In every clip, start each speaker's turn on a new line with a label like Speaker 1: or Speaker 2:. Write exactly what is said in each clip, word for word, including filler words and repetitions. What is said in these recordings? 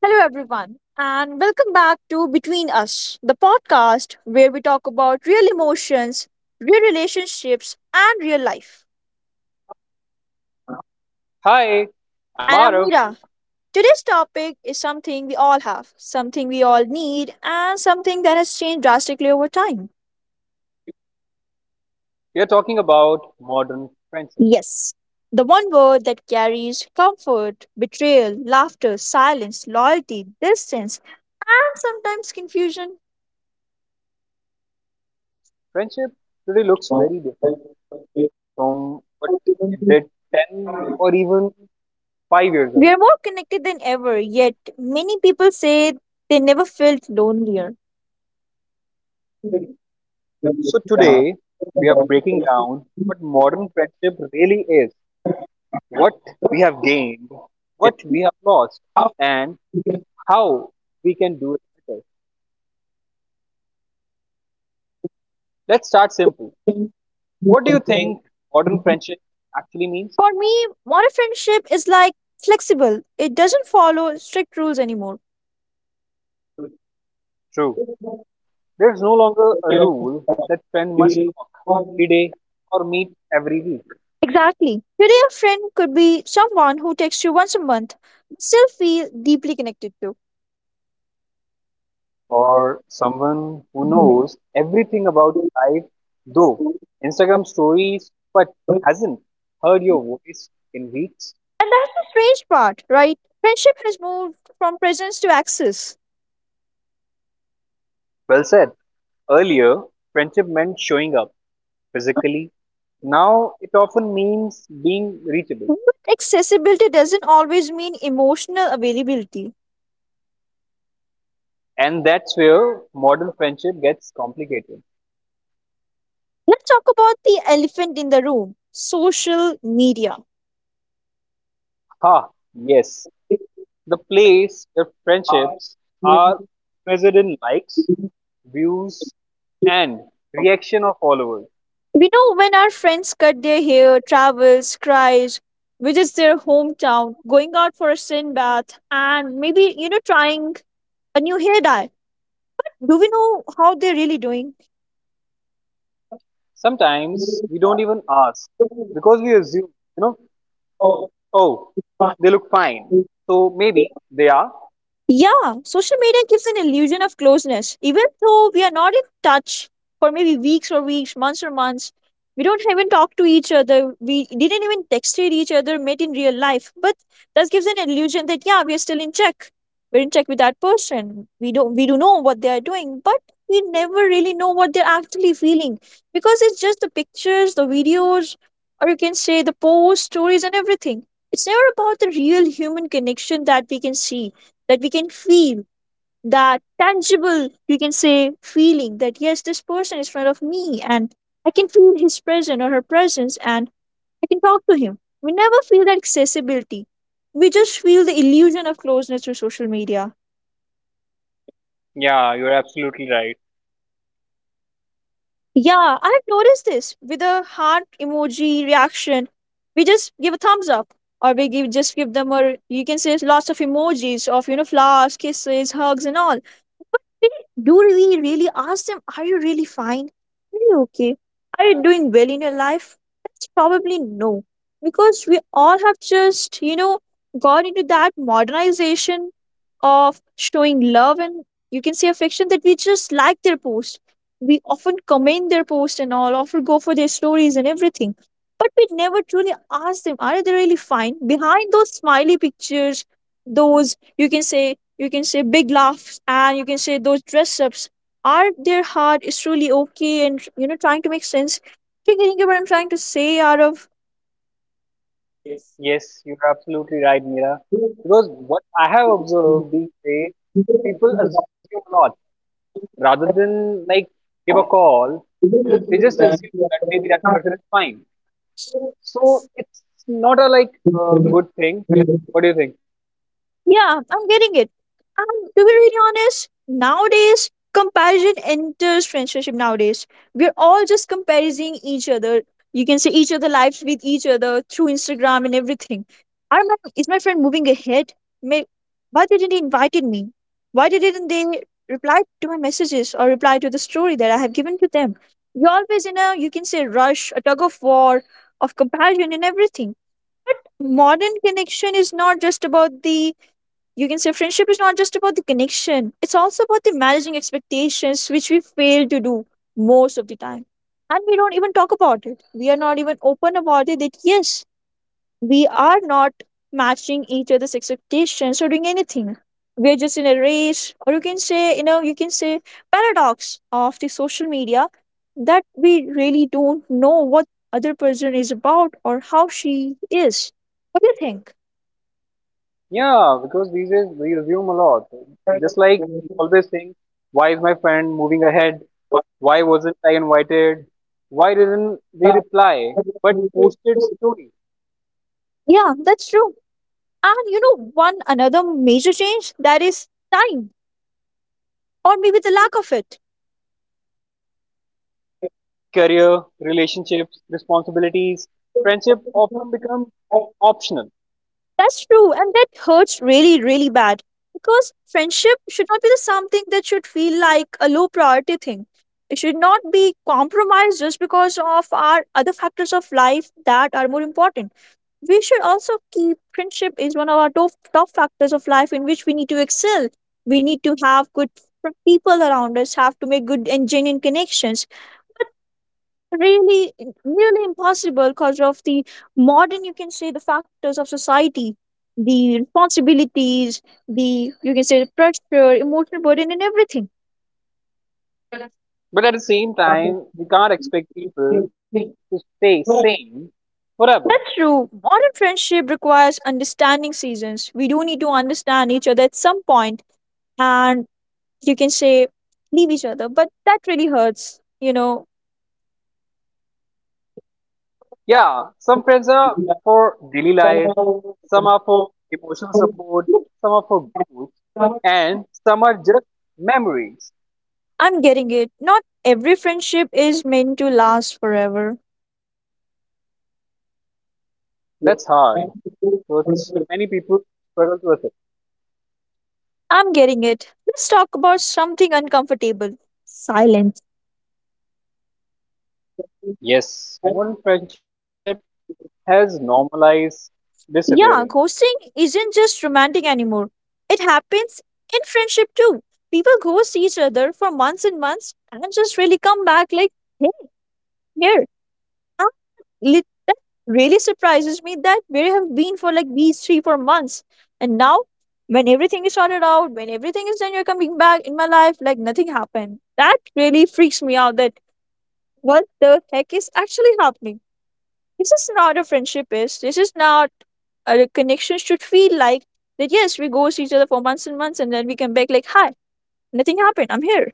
Speaker 1: Hello, everyone, and welcome back to Between Us, the podcast where we talk about real emotions, real relationships, and real life.
Speaker 2: Hi, I'm
Speaker 1: And I'm
Speaker 2: Arav.
Speaker 1: Mira. Today's topic is something we all have, something we all need, and something that has changed drastically over time.
Speaker 2: We are talking about modern friendship.
Speaker 1: Yes, the one word that carries comfort, betrayal, laughter, silence, loyalty, distance, and sometimes confusion.
Speaker 2: Friendship today looks very different from what it did ten or even five years
Speaker 1: We
Speaker 2: ago.
Speaker 1: are more connected than ever, yet many people say they never felt lonelier. For
Speaker 2: So today we are breaking down what modern friendship really is, what we have gained, what we have lost, and how we can do it better. Let's start simple. What do you think modern friendship actually means?
Speaker 1: me, modern friendship is like flexible. It doesn't follow strict rules anymore.
Speaker 2: True. There is no longer a rule that friend must talk every day or meet every week,
Speaker 1: Exactly. Today, a friend could be someone who texts you once a month, but still feel deeply connected to.
Speaker 2: or someone who knows everything about your life though Instagram stories but hasn't heard your voice in weeks.
Speaker 1: And that's the strange part, right? Friendship has moved from presence to access.
Speaker 2: Well said. Earlier, friendship meant showing up physically. Now it often means being reachable.
Speaker 1: But accessibility doesn't always mean emotional availability.
Speaker 2: And that's where modern friendship gets complicated.
Speaker 1: Let's talk about the elephant in the room social media.
Speaker 2: Ha, yes, the place where friendships are measured in likes, views, and reaction of followers.
Speaker 1: We know when our friends cut their hair, travels, cries, visits their hometown, going out for a sin bath, and maybe, you know, trying a new hair dye. Do we know how they're really doing?
Speaker 2: Sometimes we don't even ask because we assume, you know, oh, they look fine.
Speaker 1: Thank
Speaker 2: So maybe they are.
Speaker 1: yeah, social media gives an illusion of closeness, even though we are not in touch for maybe weeks or weeks, months or months. We don't even talk to each other. We didn't even texted each other, met in real life. But that gives an illusion that yeah, we are still in check. We're in check with that person. We don't we do know what they are doing, but we never really know what they're actually feeling. Because it's just the pictures, the videos, or you can say the posts, stories and everything. It's never about the real human connection that we can see, that we can feel, that tangible, you can say, feeling that yes, this person is in front of me and I can feel his presence or her presence and I can talk to him. We never feel that accessibility. We just feel the illusion of closeness through social media.
Speaker 2: Yeah, you're absolutely right.
Speaker 1: Yeah, I've noticed this with a heart emoji reaction. We just give a thumbs up or we give just give them or you can say lots of emojis of you know flowers, kisses, hugs and all. Really- Do we really ask them, are you really fine? Are you okay? Are you doing well in your life? That's probably no. Because we all have just, you know, gone into that modernization of showing love and you can say affection that we just like their post. We often comment their post and all, often go for their stories and everything. But we never truly ask them, are they really fine? Behind those smiley pictures, those you can say you can say big laughs and you can say those dress ups are their heart is truly okay and you know trying to make sense. Do you getting what I'm trying to say out of?
Speaker 2: Yes, you're absolutely right, Mira. Because what I have observed these days, people assume a lot rather than like give a call. They just assume that maybe that person is fine. So it's not a like uh, good thing. What do you think?
Speaker 1: Yeah, I'm getting it. And to be really honest, nowadays comparison enters friendship nowadays. We're all just comparing each other. You can see each other lives with each other through Instagram and everything. Are my, is my friend moving ahead? May, why didn't he invited me? Why didn't they reply to my messages or reply to the story that I have given to them? You're always in a you can say rush, a tug of war, of comparison and everything. Modern connection is not just about the you can say friendship is not just about the connection, it's also about the managing expectations which we fail to do most of the time, and we don't even talk about it, we are not even open about it that yes, we are not matching each other's expectations or doing anything. We're just in a race or you can say you know you can say paradox of the social media that we really don't know what other person is about or how she is. What do you
Speaker 2: Yeah, because these days we assume a lot. Just
Speaker 1: think?
Speaker 2: like you always think, why is my friend moving ahead? Why wasn't I invited? Why didn't they reply? But posted story,
Speaker 1: Yeah, that's true. And you know, one another major change that is time, or maybe the lack of it.
Speaker 2: career, relationships, responsibilities, friendship often become optional.
Speaker 1: That's true, and that hurts really, really bad because friendship should not be the something that should feel like a low priority thing. It should not be compromised just because of our other factors of life that are more important. We should also keep friendship is one of our top, top factors of life in which we need to excel. We need to have good fr- people around us, have to make good and genuine connections. Really, really impossible because of the modern you can say the factors of society, the responsibilities, the you can say the pressure, emotional burden and everything.
Speaker 2: But at the same time, we can't expect people to stay sane forever.
Speaker 1: That's true. Modern friendship requires understanding seasons. We do need to understand each other at some point. And you can say leave each other, but that really hurts, you know
Speaker 2: Yeah, some friends are for daily life, some are for emotional support, some are for growth, and some are just memories.
Speaker 1: I'm getting it. Not every friendship is meant to last forever.
Speaker 2: That's hard, which many people struggle to accept.
Speaker 1: I'm getting it. Let's talk about something uncomfortable, silence.
Speaker 2: Yes, modern friendship has normalized disappearing.
Speaker 1: Yeah, ghosting isn't just romantic anymore. It happens in friendship too. People ghost each other for months and months and just really come back like, hey, here. Lit- that really surprises me that we have been for like these three four months, and now when everything is sorted out, when everything is done, you're coming back in my life like nothing happened. That really freaks me out that what the heck is actually happening. This is not a friendship, is this is not a connection should feel like, that yes, we go see each other for months and months and then we come back like, hi, nothing happened, I'm here.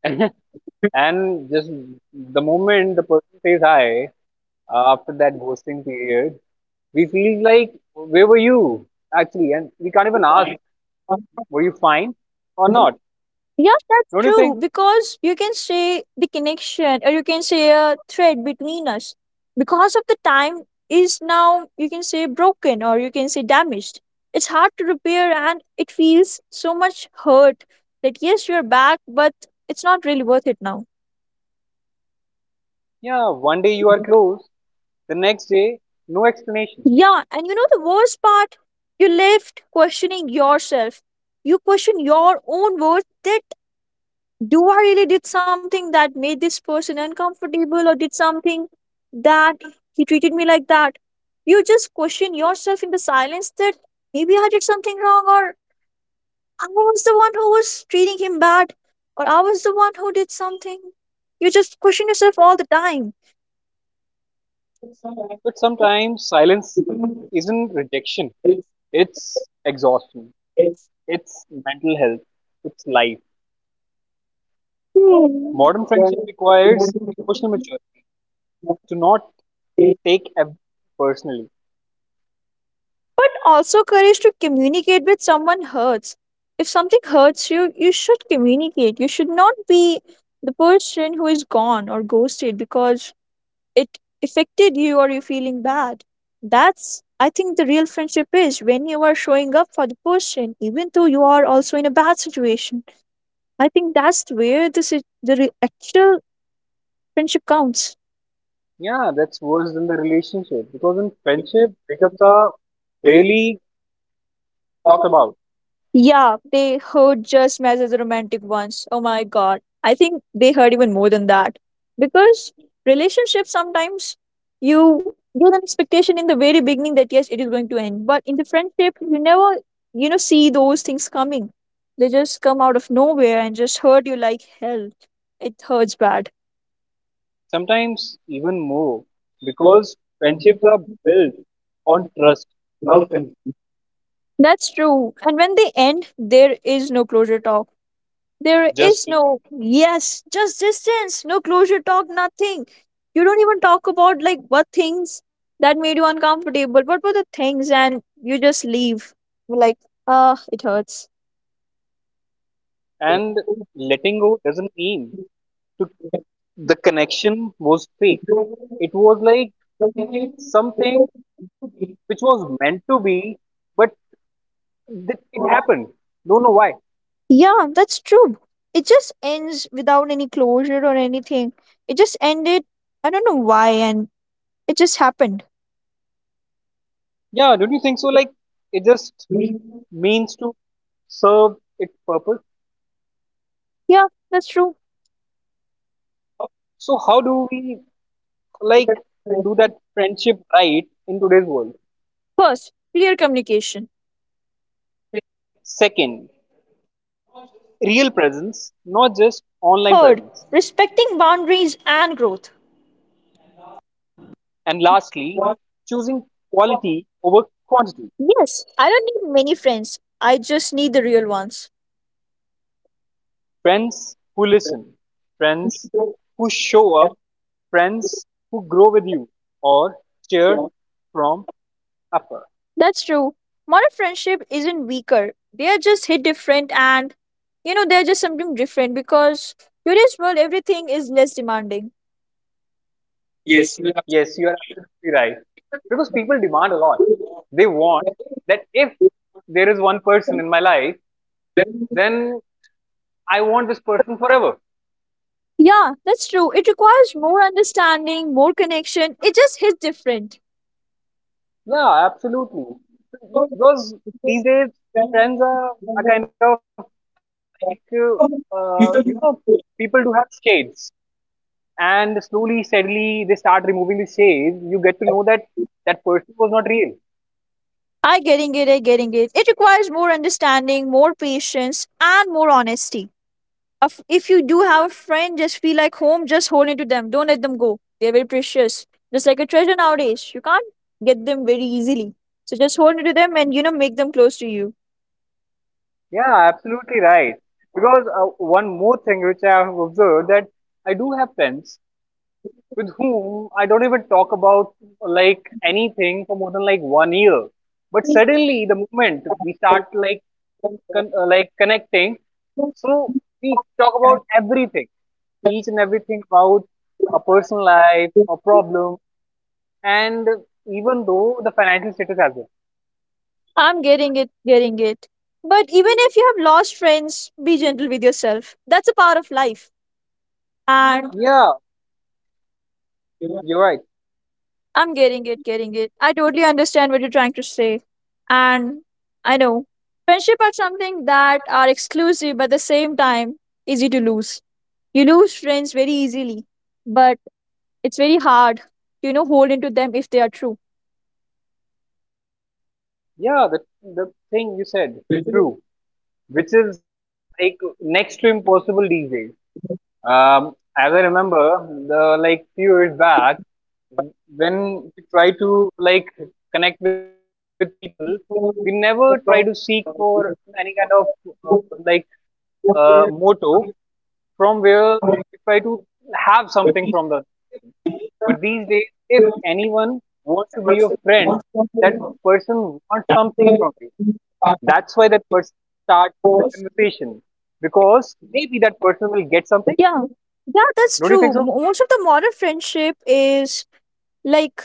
Speaker 2: And just the moment the person says hi, uh, after that ghosting period, we feel like, where were you actually? And we can't even ask,
Speaker 1: Fine.
Speaker 2: were you fine or not?
Speaker 1: Yeah, that's
Speaker 2: Don't you
Speaker 1: true
Speaker 2: think?
Speaker 1: because you can say the connection or you can say a thread between us because of the time is now you can say broken or you can say damaged. It's hard to repair and it feels so much hurt that yes, you're back, but it's not really worth it now.
Speaker 2: Yeah, one day you are close, the next day, no explanation.
Speaker 1: Yeah, and you know the worst part, you left questioning yourself. You question your own worth that, do I really did something that made this person uncomfortable or did something that he treated me like that? You just question yourself in the silence that maybe I did something wrong, or I was the one who was treating him bad, or I was the one who did something. You just question yourself all the time.
Speaker 2: But sometimes silence isn't rejection, it's exhaustion, it's mental health, it's life. Modern friendship requires emotional maturity to not
Speaker 1: Hmm.
Speaker 2: take everything personally.
Speaker 1: Also, courage to communicate with someone hurts. If something hurts you, you should communicate. You should not be the person who is gone or ghosted because it affected you or you're feeling bad. That's, I think, the real friendship is when you are showing up for the person, even though you are also in a bad situation. I think that's where the, sit- the re- actual friendship counts.
Speaker 2: Yeah, that's worse than the relationship because in friendship, breakups are really talked about,
Speaker 1: Yeah, they heard just as messages romantic ones. Oh my god. I think they heard even more than that. Because relationships sometimes you get an expectation in the very beginning that yes, it is going to end. But in the friendship, you never, you know, see those things coming. They just come out of nowhere and just hurt you like hell. It hurts bad.
Speaker 2: sometimes even more because friendships are built on trust without con-
Speaker 1: That's true. And when they end, there is no closure at all. There is
Speaker 2: just
Speaker 1: no yes, just distance, no closure talk, nothing. You don't even talk about like what things that made you uncomfortable. What were the things, and you just leave. You're like, ah, it hurts.
Speaker 2: and letting go doesn't mean to, the connection was fake. It was like something which was meant to be, but th- it happened. Don't know why.
Speaker 1: Yeah, that's true. It just ends without any closure or anything. It just ended. I don't know why, and it just happened.
Speaker 2: Yeah, don't you think so? Like, it just means to serve its purpose.
Speaker 1: Yeah, that's true.
Speaker 2: So, how do we, like, do that friendship right in today's world?
Speaker 1: First, clear communication.
Speaker 2: Second, real presence, not just online presence. And lastly, choosing quality over quantity.
Speaker 1: Yes, I don't need many friends. I just need the real ones.
Speaker 2: Friends who listen, friends who show up, friends who grow with you or cheer from afar.
Speaker 1: That's true. Modern friendship isn't weaker. They are just hit different, and you know they're just something different because today's world everything is less demanding. Yes.
Speaker 2: Yes, you are absolutely right. Because people demand a lot. They want that if there is one person in my life, then I want this person forever.
Speaker 1: Yeah, that's true. It requires more understanding, more connection. It just hits different.
Speaker 2: Yeah, absolutely. Because these days, friends are, are kind of like, uh, uh, you know, people do have shades and slowly, steadily, they start removing the shades. You get to know that that person was not real.
Speaker 1: I getting it, I getting it. It requires more understanding, more patience, and more honesty. If if you do have a friend, just feel like home, just hold into them. Don't let them go. They're very precious. Just like a treasure nowadays. You can't get them very easily. So just hold into them, and you know make them close to you.
Speaker 2: Yeah, absolutely right. Because uh, one more thing which I have observed, that I do have friends with whom I don't even talk about like anything for more than like one year. But suddenly, the moment we start like con- uh, like connecting, so we talk about everything, each and everything about a personal life, a problem, and even though the financial status as well.
Speaker 1: I'm getting it, getting it. But even if you have lost friends, be gentle with yourself. That's a part of life. And
Speaker 2: Yeah, you're right.
Speaker 1: I'm getting it, getting it. I totally understand what you're trying to say. And I know friendship are something that are exclusive but at the same time easy to lose. You lose friends very easily, but it's very hard to you know hold into them if they are true.
Speaker 2: Yeah, the the thing you said, true, which is like next to impossible these days. Um, as I remember, the like few years back, when we try to like connect with people, we never try to seek for any kind of uh, like uh, motto from where we try to have something from the. But these days, if anyone wants to be your friend, that person wants something from you. That's why that person starts the conversation because maybe that person will get something.
Speaker 1: Yeah, yeah, that's
Speaker 2: Don't you
Speaker 1: true.
Speaker 2: think
Speaker 1: Mo-
Speaker 2: so?
Speaker 1: Most of the modern friendship is like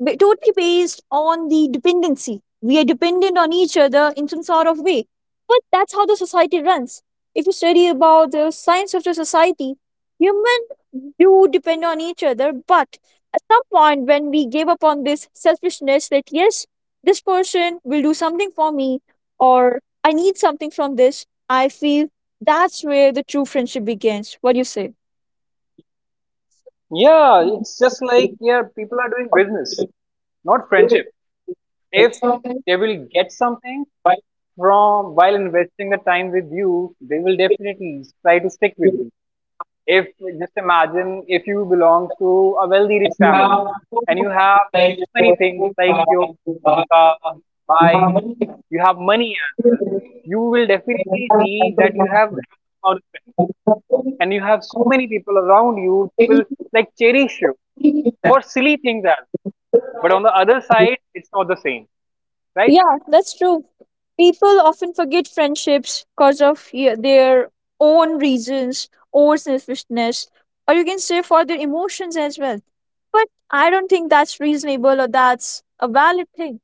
Speaker 1: ba- totally based on the dependency. We are dependent on each other in some sort of way. But that's how the society runs. If you study about the science of the society, human, do depend on each other. But at some point, when we give up on this selfishness, that yes, this person will do something for me, or I need something from this, I feel that's where the true friendship begins. What do you say?
Speaker 2: Yeah, it's just like yeah, people are doing business, not friendship. If they will get something from while investing the time with you, they will definitely try to stick with you. If just imagine if you belong to a wealthy rich family and you have many things like your car, bike, you have money as well, you will definitely see that you have ample amount of money and you have so many people around you who will like cherish you for silly things as well. But on the other side, it's not the same, right?
Speaker 1: Yeah, that's true. People often forget friendships because of yeah, their own reasons or selfishness, or you can say for their emotions as well. But I don't think that's reasonable or that's a valid thing.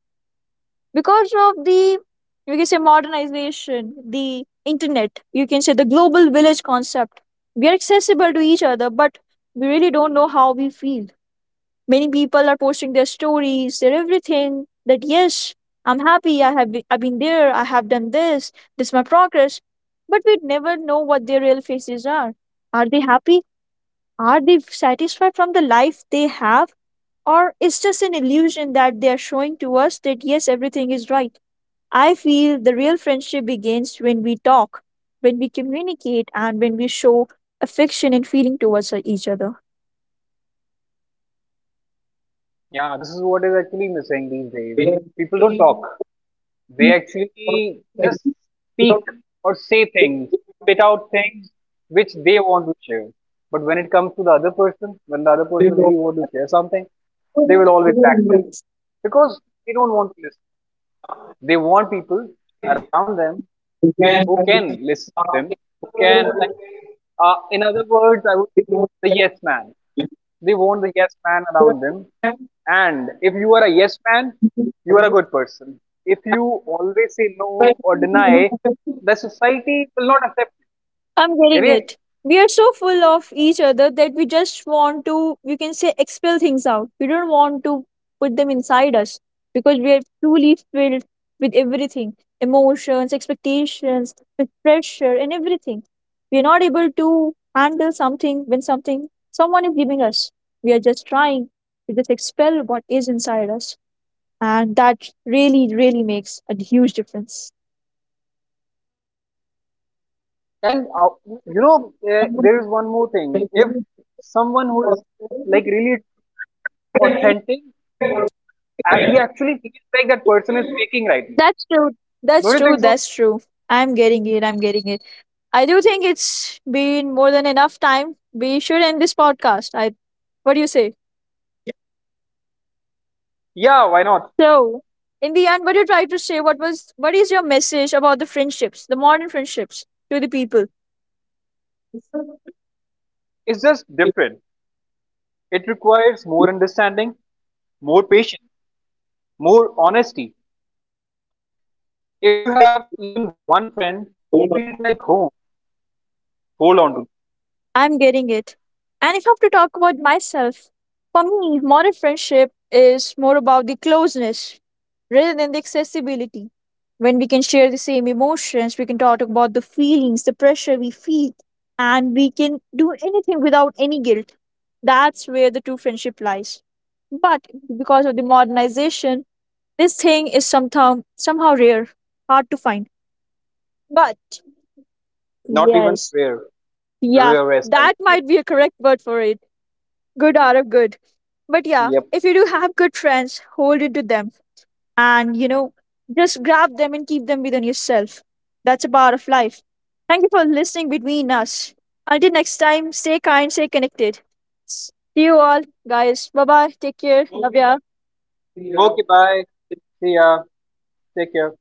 Speaker 1: Because of the you can say modernization, the internet, you can say the global village concept, we are accessible to each other, but we really don't know how we feel. Many people are posting their stories, their everything that yes, I'm happy, i have been, i've been there, I have done this, this is my progress. But we never know what their real faces are. Are they happy? Are they satisfied from the life they have, or it's just an illusion that they are showing to us that yes, everything is right. I feel the real friendship begins when we talk, when we communicate, and when we show affection and feeling towards uh, each other.
Speaker 2: Yeah, this is what is actually missing these days. People don't talk. They actually just speak or say things, spit out things which they want to share. But when it comes to the other person, when the other person really want to share something, they will always backstep because they don't want to listen. They want people around them who can listen to them, who can, like, uh, in other words, I would the yes man. They want the yes man around them. And if you are a yes man, you are a good person. If you always say no or deny, the society will not accept you.
Speaker 1: I'm getting it.
Speaker 2: Really?
Speaker 1: We are so full of each other that we just want to, you can say, expel things out. We don't want to put them inside us because we are truly filled with everything, emotions, expectations, with pressure, and everything. We are not able to handle something when something someone is giving us. We are just trying to just expel what is inside us. And that really, really makes a huge difference.
Speaker 2: And uh, you know, uh, there is one more thing. If someone who is like really authentic, uh, we actually feel like that person is faking right now.
Speaker 1: That's true. That's
Speaker 2: Don't you
Speaker 1: true.
Speaker 2: think so?
Speaker 1: That's true. I'm getting it. I'm getting it. I do think it's been more than enough time. We should end this podcast. I what do you say?
Speaker 2: Yeah, why not?
Speaker 1: So in the end, what you try to say, what was what is your message about the friendships, the modern friendships to the people?
Speaker 2: It's just different. It requires more understanding, more patience, more honesty. If you have even one friend who feels like home, hold on to.
Speaker 1: I'm getting it. And if I have to talk about myself, for me, modern friendship is more about the closeness rather than the accessibility. When we can share the same emotions, we can talk about the feelings, the pressure we feel, and we can do anything without any guilt. That's where the true friendship lies. But because of the modernization, this thing is somehow somehow rare, hard to find. But
Speaker 2: Not even
Speaker 1: yes,
Speaker 2: rare.
Speaker 1: yeah,
Speaker 2: Rarest, I would say.
Speaker 1: that might be a correct word for it. Good out of good. But
Speaker 2: Yep.
Speaker 1: yeah, if you do have good friends, hold it to them, and you know, just grab them and keep them within yourself. That's a part of life. Thank you for listening between us. Until next time, stay kind, stay connected. See you all, guys. Bye bye. Take care. Love ya.
Speaker 2: Okay, bye. See ya. Take care.